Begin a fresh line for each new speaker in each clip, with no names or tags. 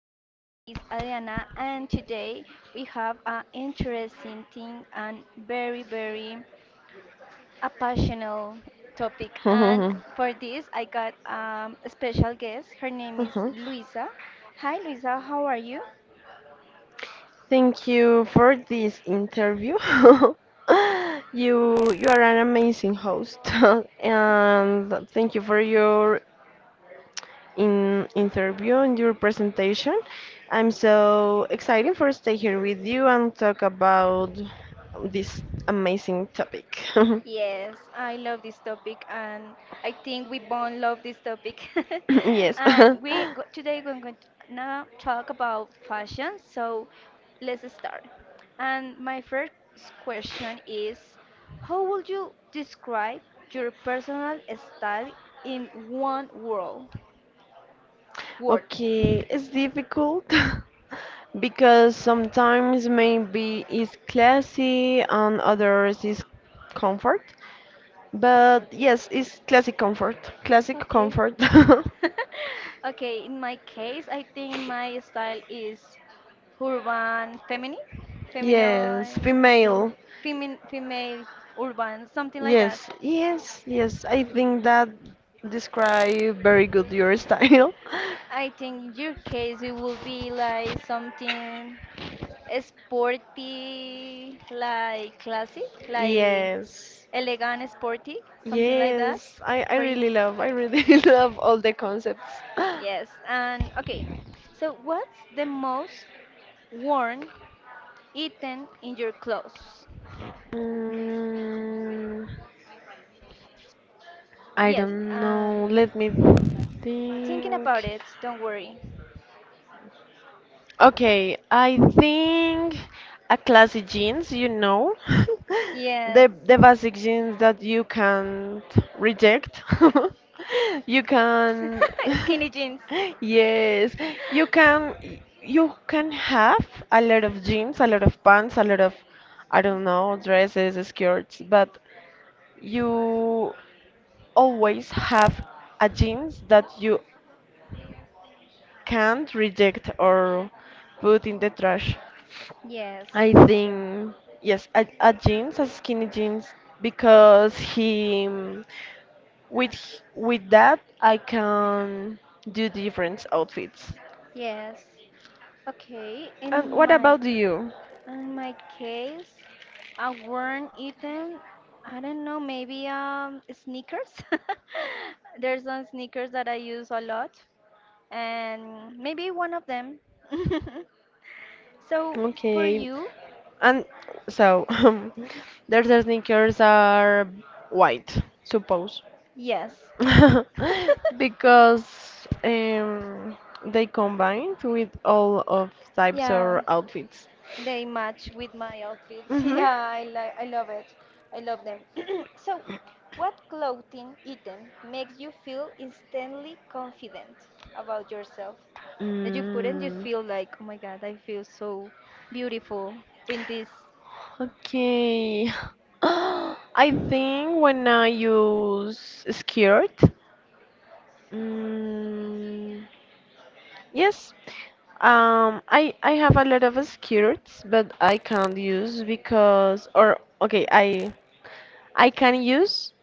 my name is Adriana, and today we have an interesting thing and very, very a passionate topic. And for this, I got a special guest. Her name is
Uh-huh.
Luisa. Hi, Luisa, how are you?
Thank you for this interview. you
Yes.
you are an amazing host, and thank you for your in interview and your presentation. I'm so excited for stay here with you and talk about this amazing topic.
Yes, I love this topic, and I think we both love this topic.
Yes.
And we go, today we're going to now talk about fashion. So let's start. And my first question is, how would you describe your personal style in one world word?
Okay, it's difficult because sometimes maybe it's classy and others is comfort. But yes, it's classic comfort. Classic
Okay.
comfort.
Okay, in my case, I think my style is urban feminine, feminine,
Yes, female.
female urban, something like that.
Yes, yes, yes. I think that describe very good your style.
I think in your case it would be like something sporty, like classic, like
Yes.
elegant, sporty, something like that
Yes. I
for you.
really love. I really love all the concepts.
Yes, and okay. So, what's the most worn eaten in your clothes?
Mm, I
Yes,
don't know. Let me
thinking
think.
about it, don't worry.
Okay, I think a classic jeans,
Yes,
the basic jeans that you can't reject. You can,
skinny jeans.
yes, you can you can have a lot of jeans, a lot of pants, a lot of I don't know, dresses, skirts, but you always have a jeans that you can't reject or put in the trash.
Yes,
I
it's true.
think yes, a jeans, a skinny jeans, because he with that I can do different outfits.
Yes. Okay,
And
in
what
my
about you?
in my case, I weren't eaten. I don't know, maybe sneakers. There's some sneakers that I use a lot, and maybe one of them. So for
Okay,
you,
and so their sneakers are white, suppose.
yes.
Because they combined with all of types
Yeah,
of outfits.
they match with my outfits.
Hmm.
Yeah, I love it. I love them. So, what clothing item makes you feel instantly confident about yourself? That you put and you
Mm,
feel like, oh my God, I feel so beautiful with this
okay. I think when I use skirt, mm, yes, I have a lot of skirts, but I can't use because or okay, I can use,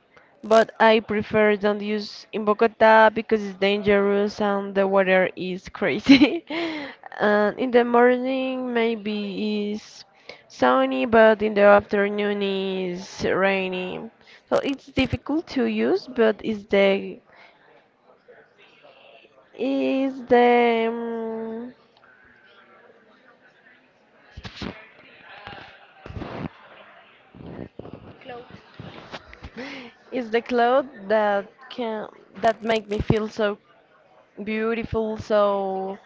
but I prefer don't use in Bogota because it's dangerous and the weather is crazy. And in the morning maybe is sunny, but in the afternoon is rainy. So it's difficult to use, but is the
clothes.
is the cloth that can that make me feel so beautiful, so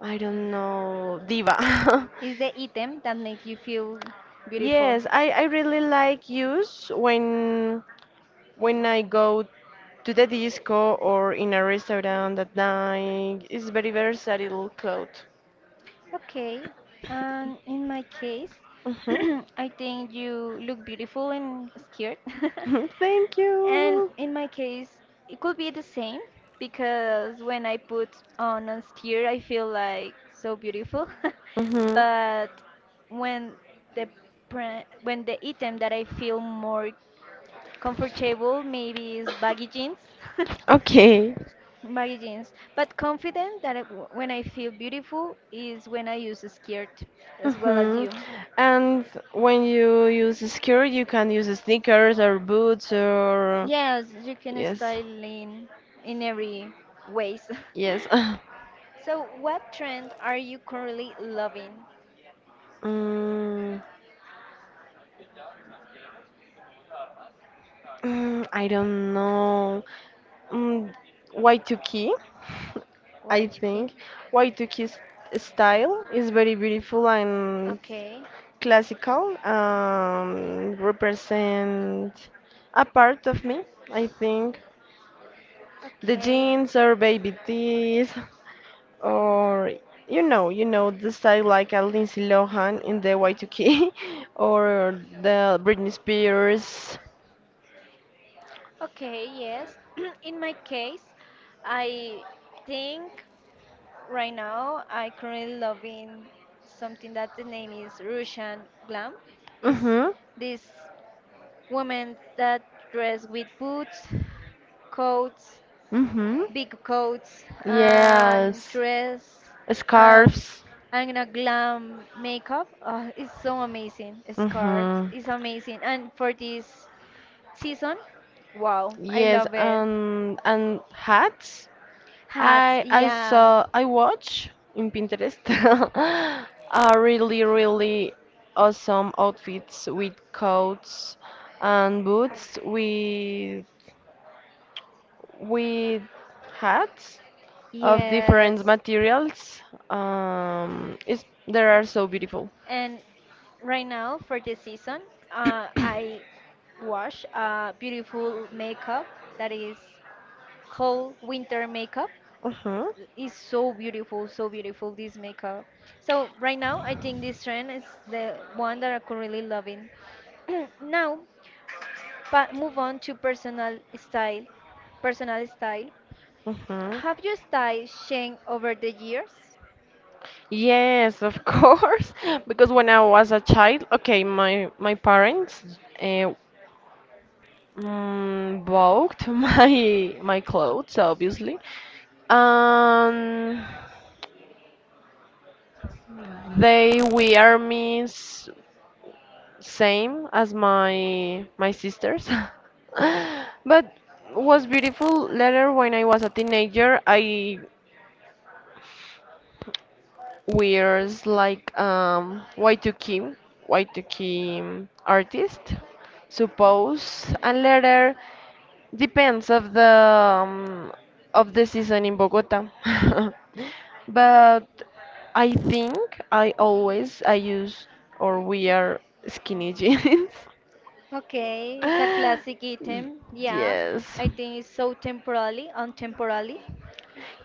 I don't know, diva.
Is the item that makes you feel beautiful.
Yes, I really like use when I go to the disco or in a restaurant at night. It's very versatile clothes.
Okay, and in my case,
Mhm.
I think you look beautiful in a skirt.
Thank
And
you.
in my case, it could be the same because when I put on a steer, I feel like so beautiful.
Mhm.
But when the when the item that I feel more comfortable maybe is baggy jeans.
Okay.
Baggy jeans. But confident that when I feel beautiful is when I use a skirt as well as
Mhm.
you.
And when you use a skirt, you can use sneakers or boots or
Yes, you can
yes,
style in every ways.
yes.
So, what trend are you currently loving,
Mm. I don't know. Mm, Y2K, I
Waichiki?
think. Y2K style is very beautiful and
Okay,
classical. Represent a part of me, I think. The
okay,
jeans or baby tees, or you know the style like a Lindsay Lohan in the Y2K, or the Britney Spears.
okay, yes. In my case, I think right now I currently loving something that the name is Russian glam. Is
Mhm,
this woman that dress with boots, coats,
mhm.
big coats and
Yes,
dress um,
scarves.
and you know glam makeup. Oh, it's so amazing. Scarves
Hmm.
is amazing, and for this season, wow, I
Yes,
love it.
and hats.
Hats, yeah,
I watch in Pinterest really really awesome outfits with coats and boots with hats of different
yes,
materials. It's They are so beautiful.
and right now for this season, I wash a beautiful makeup that is cold winter makeup
Uh huh.
is so beautiful this makeup. So right now, I think this trend is the one that I'm currently loving. Now, but move on to personal style. Personal style.
Uh huh.
Have your style changed over the years?
Yes, of course. Because when I was a child, okay, my parents uh, bought my clothes, obviously. Um, they wear me same as my sisters. But was beautiful later when I was a teenager. I wears like Y2K, Y2K artist, suppose, and later depends of the season in Bogota. But I think I always I use or wear skinny jeans.
Okay, it's a classic
Y-
item. Yeah,
Yes.
I think it's so temporally, untemporally.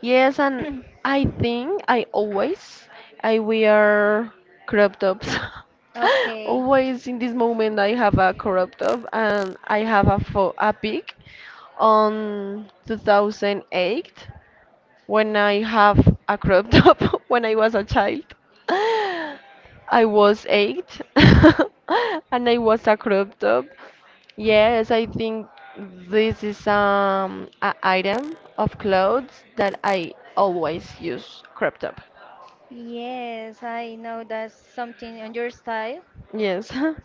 Yes, and I think I always I wear crop tops.
Okay.
Always in this moment I have a crop top and I have a fo a pic on 2008 when I have a crop top, when I was a child, I was eight and I was a crop top. Yes, I think this is a item of clothes that I always use crop top.
Yes, I know that's something on your style.
Yes,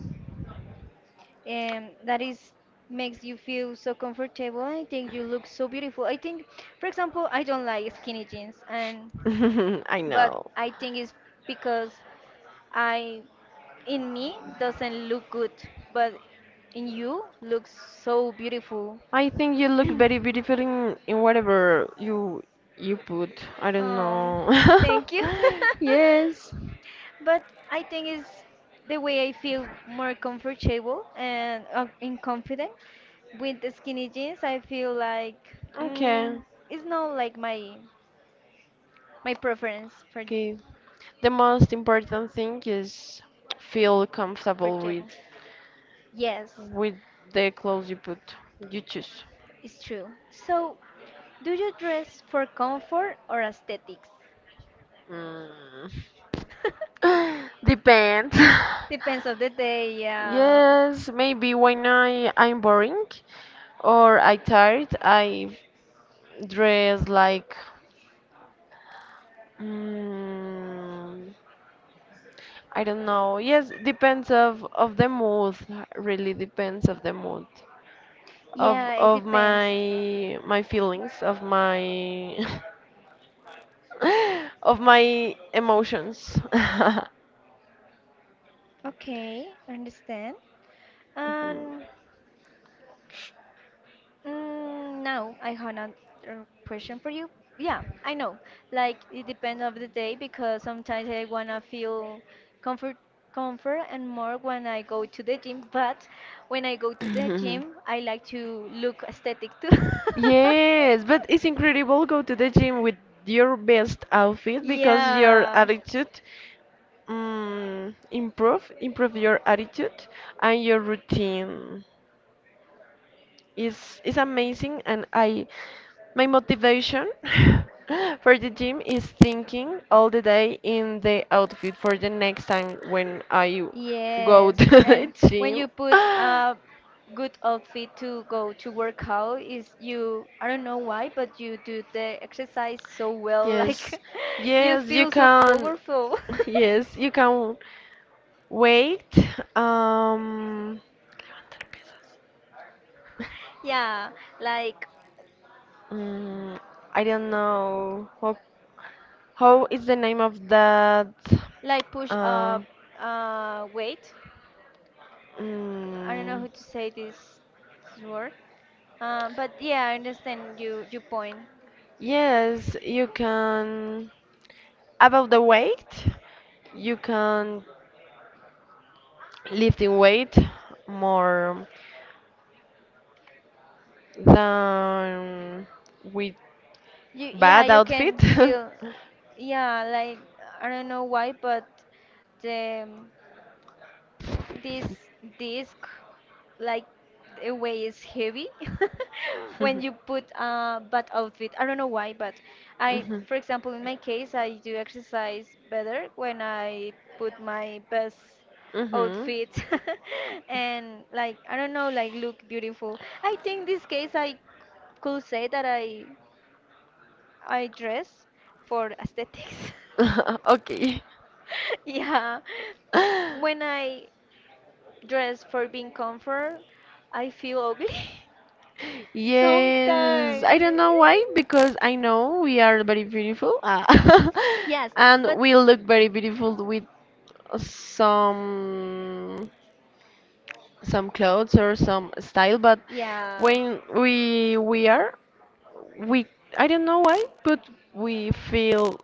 That is makes you feel so comfortable. I think you look so beautiful. I think, for example, I don't like skinny jeans, and
I
but
know.
I think it's because I in me doesn't look good, but in you looks so beautiful.
I think you look very beautiful in whatever you put. I don't
Oh,
know.
thank you.
Yes.
But I think it's the way I feel more comfortable and in confident with the skinny jeans. I feel like mm,
Okay.
it's not like my preference for
Okay. The most important thing is feel comfortable with
comfortable. Yes,
with the clothes you choose
it's true. So, do you dress for comfort or aesthetics?
mm. Depends.
Depends of the day. Yeah,
Yes, maybe when I'm boring or I tired I dress like, mm, I don't know, yes, depends of the mood, really depends of the mood of
yeah, it
of
depends.
my feelings of my of my emotions
Okay, understand. And now I have another question for you. Yeah, I know. Like it depends of the day because sometimes I wanna feel comfort, comfort and more when I go to the gym. But when I go to the
Mhm. Mhm.
gym, I like to look aesthetic too.
Yes, but it's incredible go to the gym with your best outfit because your
Yeah.
attitude, improve your attitude and your routine. It's amazing, and I my motivation for the gym is thinking all the day in the outfit for the next time when I go
Yes,
to the
and when
gym.
you put a good outfit to go to work out, is you, I don't know why, but you do the exercise so well,
Yes,
like you
yes, you
feel so
can.
powerful.
Yes, you can wait. Um,
Yeah, like
Mm, I don't know how is the name of that,
like push
uh,
up weight. I don't know
mm,
how to say this word. But yeah, I understand you point.
yes, you can, about the weight you can lift in weight more than with
You, yeah,
bad
you
outfit.
can feel, yeah, like I don't know why, but the this disc, like the way is heavy when you put a bad outfit. I don't know why, but I,
Mhm.
for example, in my case, I do exercise better when I put my best
Mhm.
outfit and like I don't know, like look beautiful. I think this case I could say that I dress for aesthetics.
Mhm. Okay.
Yeah. N- When I dress for being comfort, I feel ugly.
Yes, I don't
Sometimes.
know why, because I know we are very beautiful,
Yes,
and
but
we look very beautiful with some some clothes or some style, but
yeah.
when we wear we I don't know why but we feel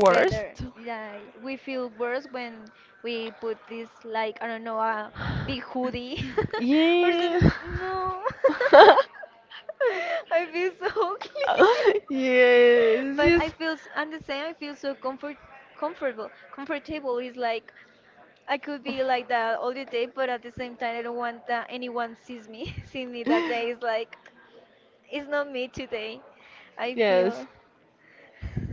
Better. Like we feel worse when we put this like I don't know a big hoodie or
yeah.
something. No, I feel so ugly.
Yes,
But
yes.
I feel I'm the same. I feel so comfortable. Comfortable is like I could be like that all the day, but at the same time I don't want that anyone sees me. See me that day is like it's not me today. I
Yes.
feel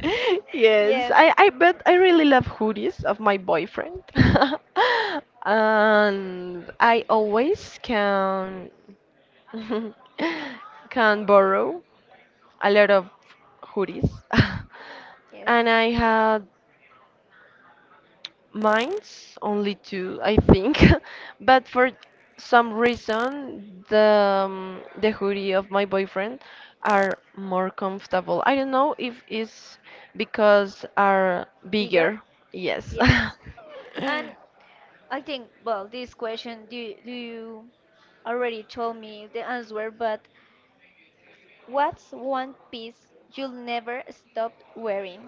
Yes.
yes.
I really love hoodies of my boyfriend. And I always can can borrow a lot of hoodies.
Yes.
And I had Mine's only two, I think. But for some reason, the hoodie of my boyfriend are more comfortable. I don't know if it's because are
Bigger?
bigger. Yes.
Yes. And I think, well, this question, do you already told me the answer, but what's one piece you'll never stop wearing?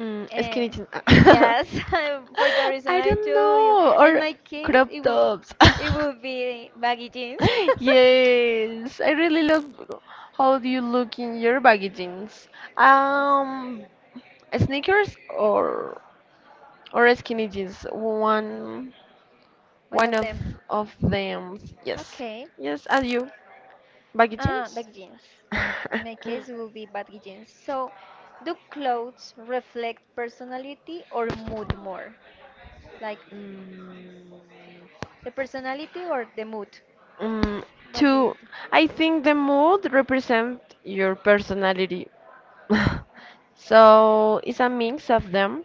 Skinny
Eh,
jeans.
yes, for the reason
I
I
don't
told you.
know.
In
Or
my case,
crop tops.
it will be baggy jeans.
Yes, I really love how do you look in your baggy jeans.
Yes,
Um, Sneakers or skinny jeans. One
one
one
of
of
them.
of them. Yes,
Okay.
yes. Are you baggy jeans?
Baggy jeans. In my case, it will be baggy jeans. So, do clothes reflect personality or mood more? Like
Mm.
the personality or the mood?
Mm,
What do you
Two,
think?
I think the mood represent your personality. So it's a mix of them.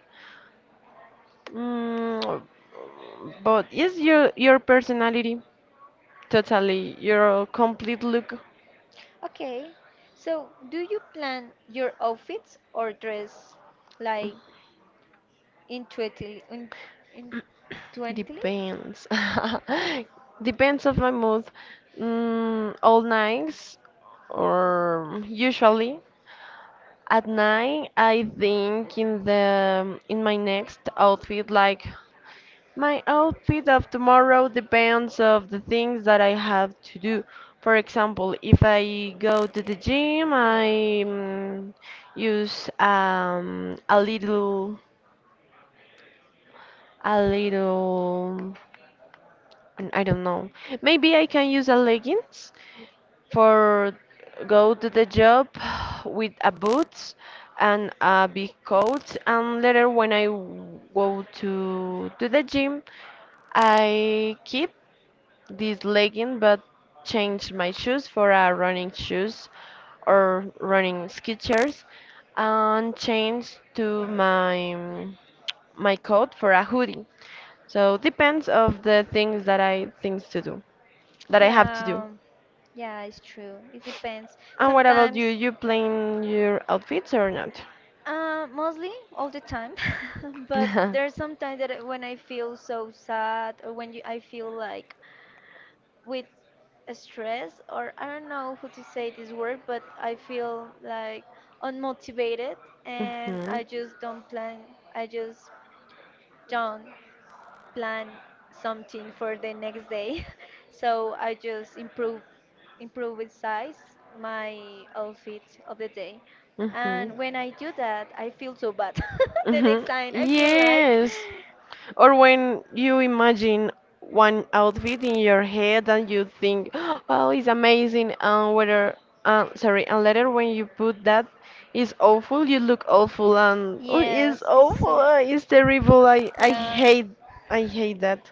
Mm, but it's your personality totally. Your complete look
Okay. So, do you plan your outfits or dress like intuitively? Intuitively?
depends. Depends of my mood. All nights or usually at night I think in my next outfit, like my outfit of tomorrow depends of the things that I have to do. For example, if I go to the gym, I use a little, I don't know. Maybe I can use a leggings for go to the job with a boots and a big coat. And later, when I go to the gym, I keep this legging but changed my shoes for a running shoes or running sketchers and changed to my coat for a hoodie. So depends of the things that I things to do that I have to do.
Yeah, yeah, it's true. It depends.
And what about you?
Sometimes
You plan your outfits or not?
Mostly all the time, but there's sometimes that when I feel so sad or when you, I feel like with stress or I don't know how to say this word, but I feel like unmotivated and I
Hmm.
just don't plan. I just don't plan something for the next day. So I just improve with size my outfit of the day.
Hmm.
And when I do that, I feel so bad. The next
Mhm.
time I feel like
Yes. Or when you imagine one outfit in your head and you think, "Oh, it's amazing," and whether, sorry, and later when you put that, it's awful. You look awful, and oh, it's
yes, it's
awful.
so
It's terrible.
yeah.
I hate that.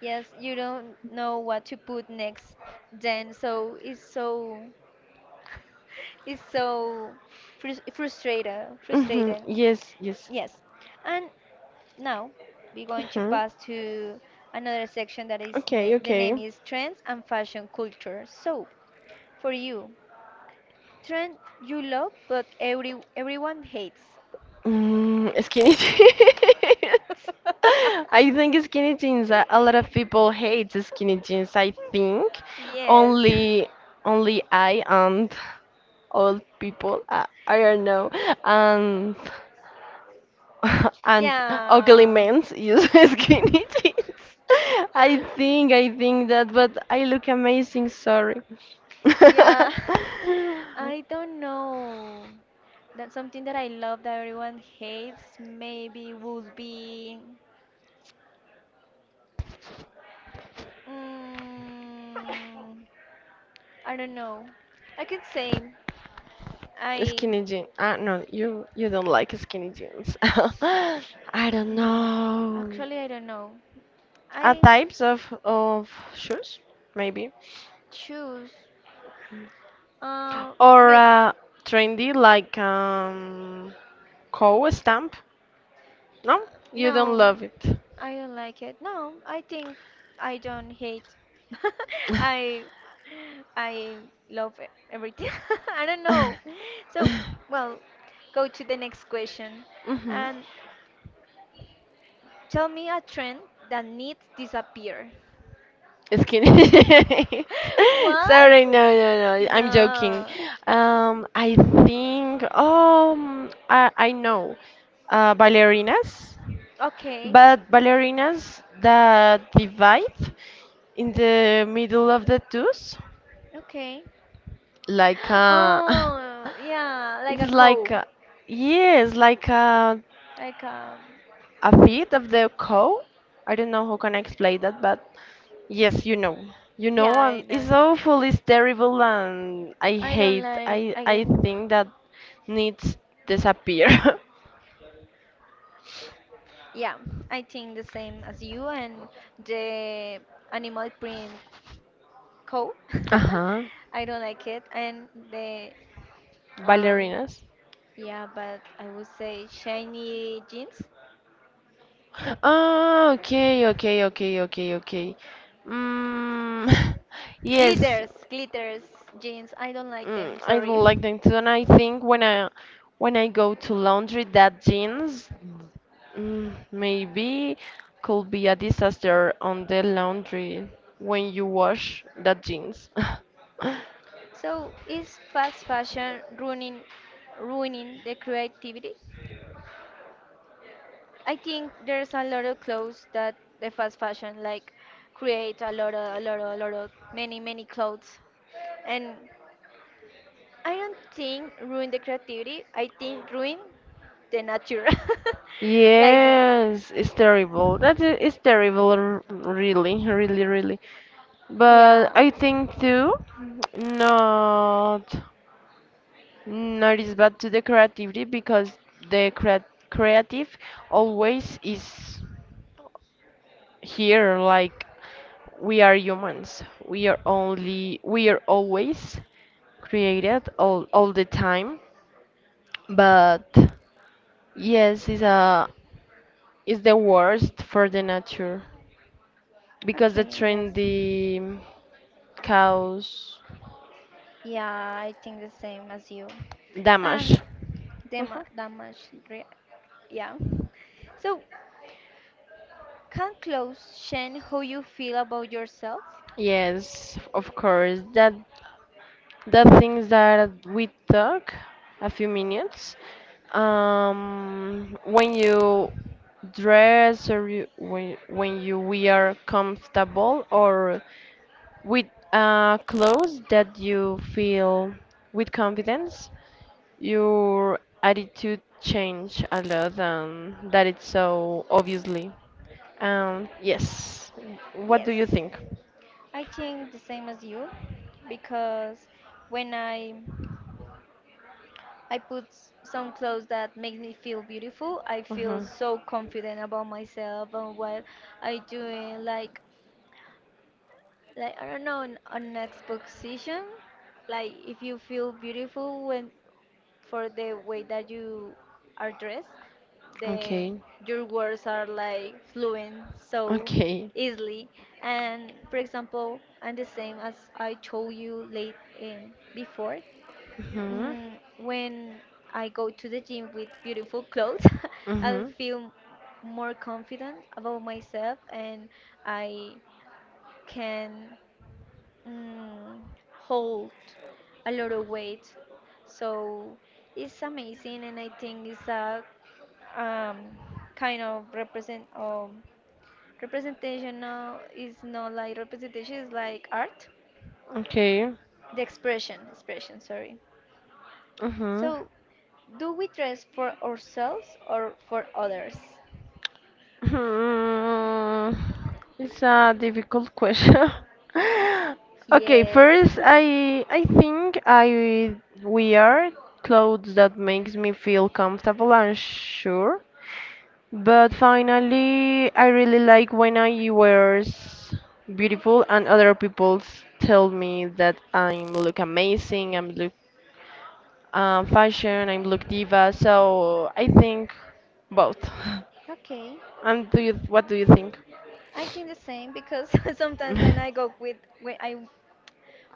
Yes, you don't know what to put next then so it's so it's so frus- frustrated
Mhm.
frustrating
Yes, yes.
yes and now we're going to
Mhm.
pass to another section that is
Okay,
the
okay.
name is trends and fashion culture. So for you, trend you love but everyone hates.
Skinny jeans. I think skinny jeans. A lot of people hate skinny jeans. I think
Yes.
only only I and old people. I don't know. And and ugly
Yeah.
men use skinny jeans. I think I think that, but I look amazing. Sorry.
Yeah. I don't know. That something that I love that everyone hates maybe would be mm, I don't know. I can say I
Skinny jeans. Ah, no, you don't like skinny jeans. I don't
no.
know.
Actually, I don't know.
A
I
types of shoes, maybe,
choose. Uh,
or
maybe.
trendy like cow stamp. No, you don't
No,
love it.
I don't like it. No, I think I don't hate. I I love everything. I don't know. So, well, go to the next question
Mhm.
and tell me a trend that needs disappear.
Just kidding.
What?
Sorry, no, no, no. I'm joking.
No.
I think. I know. Ballerinas,
Okay.
but ballerinas that divide in the middle of the tooth,
Okay.
like
Oh, yeah, like a
it's like
cow.
yes, like
Like
a feet of the cow. I don't know how can I explain that, but yes, you know. You know,
yeah, I
and
know.
it's awful, it's terrible, and I
I don't
hate.
like
I
I
I
get-
think that needs disappear.
yeah, I think the same as you and the animal print cow.
Uh-huh.
I don't like it and the um
Ballerinas.
yeah, but I would say shiny jeans.
Oh, okay, okay, okay, okay, okay. Mm, yes.
Glitters jeans. I don't like them,
I
sorry.
don't like them too, and I think when I go to laundry, that jeans, maybe could be a disaster on the laundry when you wash that jeans.
So, is fast fashion ruining the creativity? I think there's a lot of clothes that the fast fashion like create a lot of many clothes, and I don't think ruin the creativity. I think ruin the nature, like the,
Yes, it's terrible. That is terrible, really, really, really. But
yeah.
I think too, not not is bad to the creativity because the creative always is here. Like we are humans. We are always created all, the time, but yes, it's the worst for the nature because the
Okay, yes.
trendy cause
Yeah, I think the same as you. And
damage. Mhm.
damage, re yeah. So, can clothes change how you feel about yourself?
Yes, of course. That the things that we talk a few minutes. When you dress when you we are comfortable or with clothes that you feel with confidence, your attitude change a lot, and that it's so obviously. Yes. What do
Yes.
you think?
I think the same as you because when I put some clothes that make me feel beautiful, I feel
Mhm.
so confident about myself and what I doing like I don't know an exposition like if you feel beautiful when for the way that you are dressed. The
Okay.
your words are like fluent so
Okay.
easily. And for example, and the same as I told you late before,
Mhm.
mm, when I go to the gym with beautiful clothes, I'll
Mhm.
feel more confident about myself and I can mm, hold a lot of weight. So it's amazing, and I think it's a um, kind of represent representation now is not like representation is like art,
Okay.
the expression. Sorry.
Mhm.
So, do we dress for ourselves or for others?
Hmm. It's a difficult question. Okay,
Yes.
first I think I wear clothes that makes me feel comfortable and sure. But finally, I really like when I wears beautiful and other people tell me that I'm look amazing, I'm look fashion, I'm look diva. So I think both.
Okay,
And what do you think?
I think the same because sometimes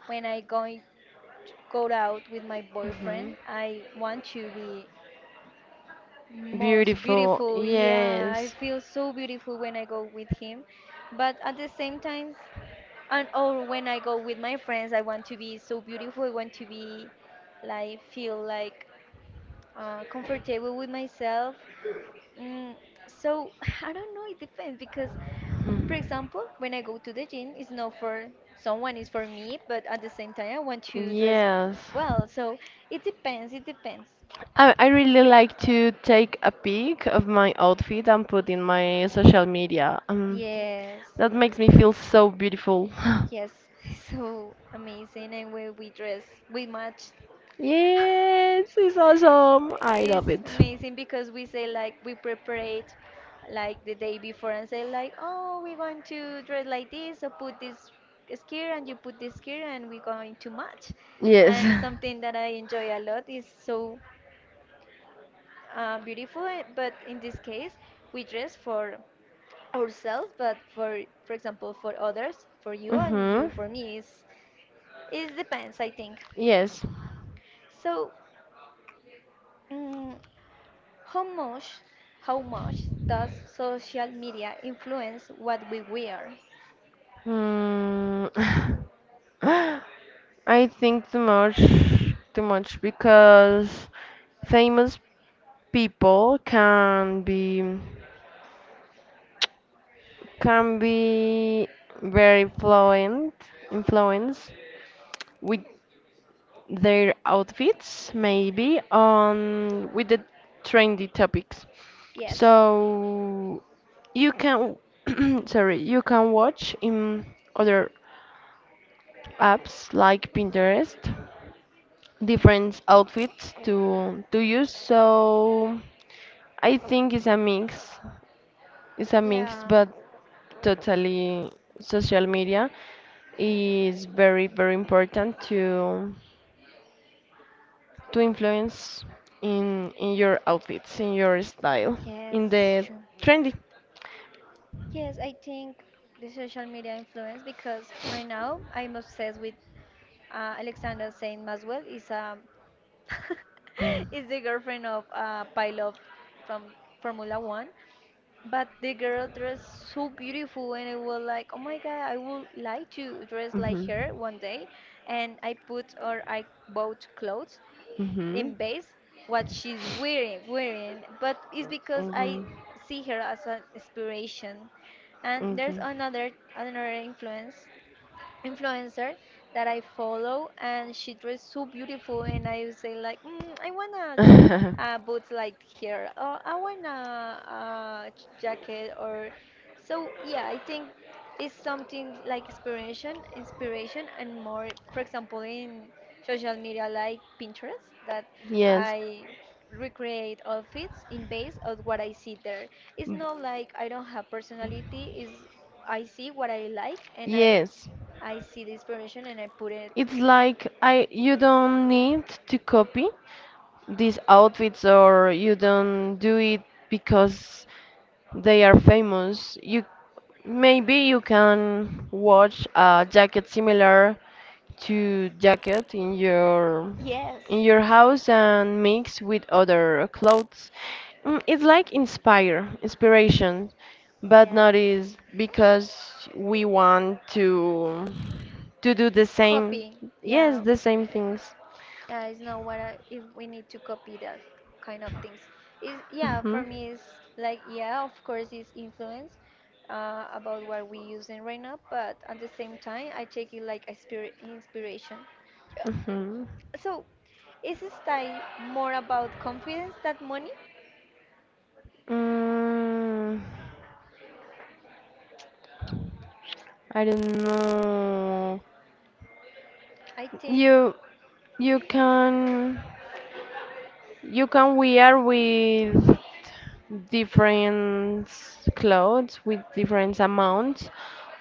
when I going go out with my
Mhm.
boyfriend. I want to be most
Beautiful.
beautiful. Yeah, I
Yes.
feel so beautiful when I go with him. But at the same time, and or when I go with my friends, I want to be so beautiful. I want to be like feel like comfortable with myself. Mm, so I don't know. It depends because, for example, when I go to the gym, it's not for someone, it's for me, but at the same time, I want
Mm.
to dress
Yes.
well. So it depends, it depends.
I really like to take a pic of my outfit and put in my social media.
Yes,
That makes me feel so beautiful.
yes, so amazing. And when we dress, we match.
Yes, it's awesome. I love
It's
it.
amazing because we say, like, we prepare it like the day before and say, like, oh, we're going to dress like this, so put this skirt and you put this skirt, and we're going to match.
Yes.
And something that I enjoy a lot is so beautiful, eh, but in this case, we dress for ourselves, but for example, for others, for you and you
Mm-hmm.
for me, is it depends, I think.
Yes.
So, mm how much, how much does social media influence what we wear?
Mm. I think too much because famous people can be very fluent influence with their outfits maybe on with the trendy topics.
Yes.
So you can sorry, you can watch in other apps like Pinterest different outfits to use, so I think it's a mix
Yeah.
but totally social media is very very important to influence in your outfits in your style
Yes,
in
it's
the
true.
trendy.
Yes, I think the social media influence because right now I'm obsessed with Alexander Saint Maswell. Is a
Mm.
is the girlfriend of a pilot from Formula One. But the girl dressed so beautiful, and I was like, oh my god, I would like to dress like
Mhm.
her one day. And I put or I bought clothes
Mhm.
in base what she's wearing. But it's because I
Okay.
see her as an inspiration. And there's another influencer that I follow, and she dressed so beautiful, and I would say like, I wanna
Okay.
boots like here. Oh, I want a jacket or so. Yeah, I think it's something like inspiration, and more. For example, in social media like Pinterest, that
Yes.
I recreate outfits in base of what I see there. It's not like I don't have personality. Is I see what I like and I
Yes,
I see the inspiration and I put it.
it's like I you don't need to copy these outfits or you don't do it because they are famous. You can watch a jacket similar to jacket in your
Yes.
in your house and mix with other clothes. It's like inspiration, but not
Yes,
is because we want to do the same.
copy.
Yes,
Yeah,
the same things.
yeah, it's not what I, if we need to copy that kind of things. Is yeah, for
Mhm.
me it's like yeah, of course it's influence about what we using right now, but at the same time I take it like a spirit inspiration.
Mhm.
So is style more about confidence than money?
Mm. I don't know.
I think,
You you can you can wear with different clothes with different amounts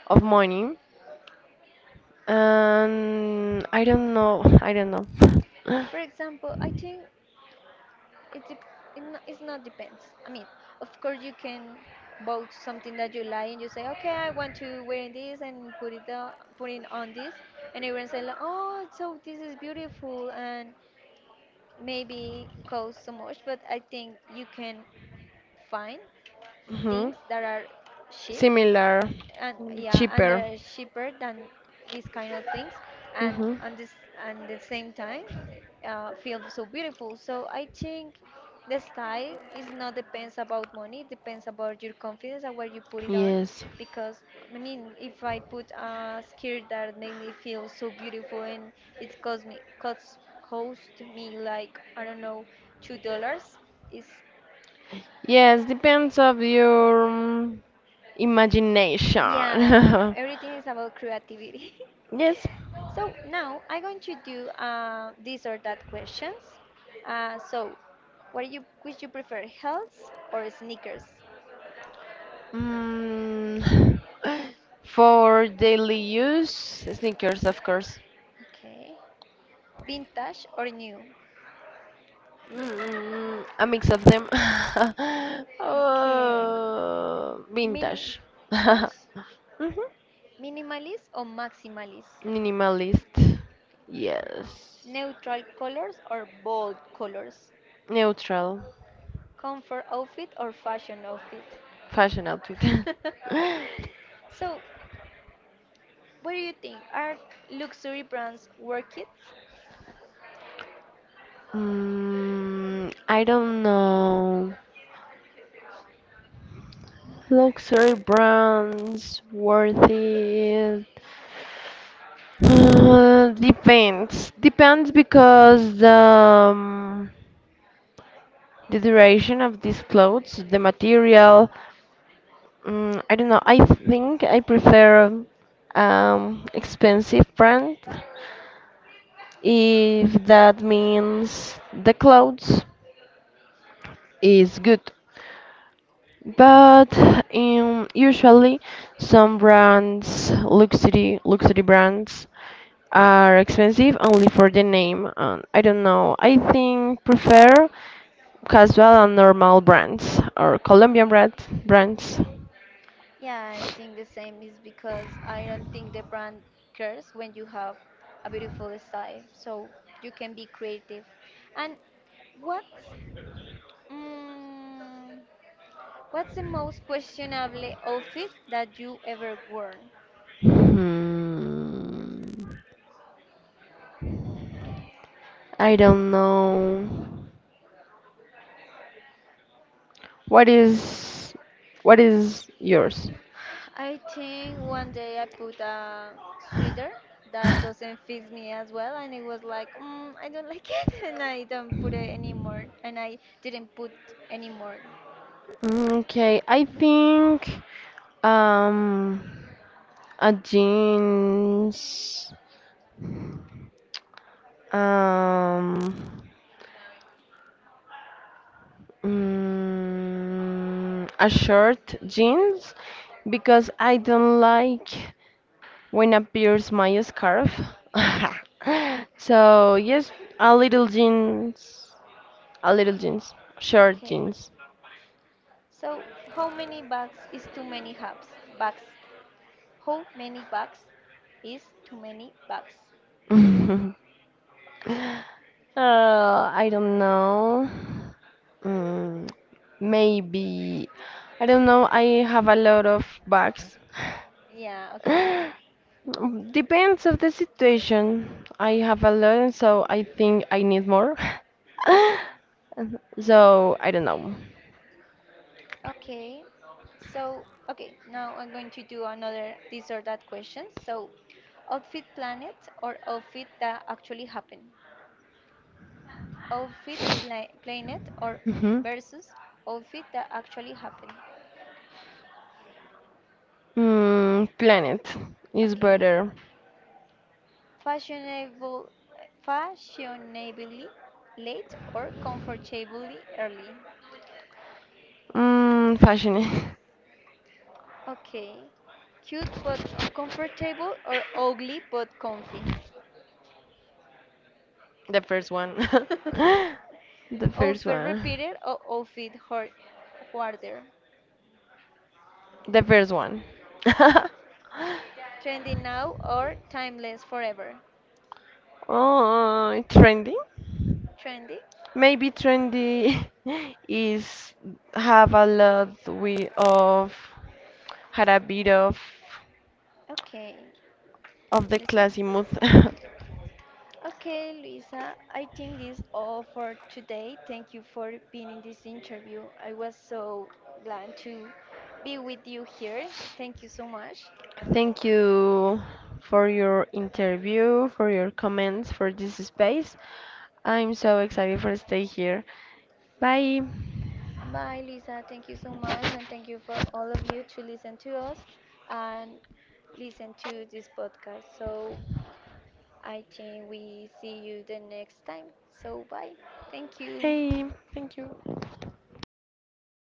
of money. And I don't know. I don't know.
for example, I think it dep it's not depends. I mean, of course you can vote something that you like and you say, okay, I want to wear this and put it on this, and everyone say, like, oh, so this is beautiful and maybe cost so much, but I think you can find
Mhm.
things that are cheap
Similar,
and yeah, and
cheaper.
they're cheaper than these kind of things and
Mhm.
on this and the same time, feel so beautiful. So I think the style is not depends about money, it depends about your confidence and where you put it on.
Yes.
Because I mean, if I put a skirt that make me feel so beautiful and it cost me, like, I don't know, $2, is,
Yes, depends of your imagination.
yeah, everything is about creativity.
Yes.
So now I'm going to do this or that questions. So, what do you which you prefer, heels or sneakers?
Mm, for daily use, sneakers, of course.
Okay. Vintage or new?
A mix of them.
Okay.
Oh,
Mini
vintage. Mhm.
vintage? Minimalist or maximalist?
Minimalist. Yes.
Neutral colors or bold colors?
Neutral.
Comfort outfit or fashion outfit?
Fashion outfit.
So, what do you think? Are luxury brands worth it?
I don't know. Luxury brands, worth it. Depends. Depends because the duration of these clothes, the material. I don't know. I think I prefer expensive brand if that means the clothes is good. But usually, some brands, luxury brands, are expensive only for the name. And I don't know. I think prefer casual and normal brands or Colombian brands.
Yeah, I think the same is because I don't think the brand cares when you have a beautiful style. So you can be creative. And what's mm, what's the most questionable outfit that you ever worn?
Hmm. I don't know. What is what is yours?
I think one day I put a sweater that doesn't fit me as well, and it was like, I don't like it, and I don't put it anymore, and I didn't put anymore.
Okay, I think um jeans, um, a short jeans because I don't like when appears my scarf. So yes, a little jeans, a little jeans, short
Okay.
jeans.
So, how many bugs is too many hubs? Bugs. How many bugs is too many bugs?
I don't know. Mm, Maybe I don't know. I have a lot of bags.
Yeah, okay.
Mm, Depends of the situation. I have a lot, and so I think I need more. So I don't know.
Okay. So, okay, now I'm going to do another this or that question. So, outfit planet or outfit that actually happened? Planet or
Mhm.
versus outfit that actually happened?
Planet is
Okay.
better.
Fashionable fashionably late or comfortably early?
Fashion.
Okay. Cute but uncomfortable or ugly but comfy?
The first one. The first
Outfit
one.
repeated or outfit hard, harder?
The first one.
Trendy now or timeless forever?
Oh, trending?
Trendy?
Maybe trendy is have a lot we of had a bit of
Okay.
of the
Understand.
classy mood.
Okay, Luisa, I think this all for today. Thank you for being in this interview. I was so glad to be with you here. Thank you so much.
Thank you for your interview, for your comments, for this space. I'm so excited for stay here. Bye.
Bye, Lisa. Thank you so much. And thank you for all of you to listen to us and listen to this podcast. So I think we see you the next time. So bye. Thank you.
Hey, thank you.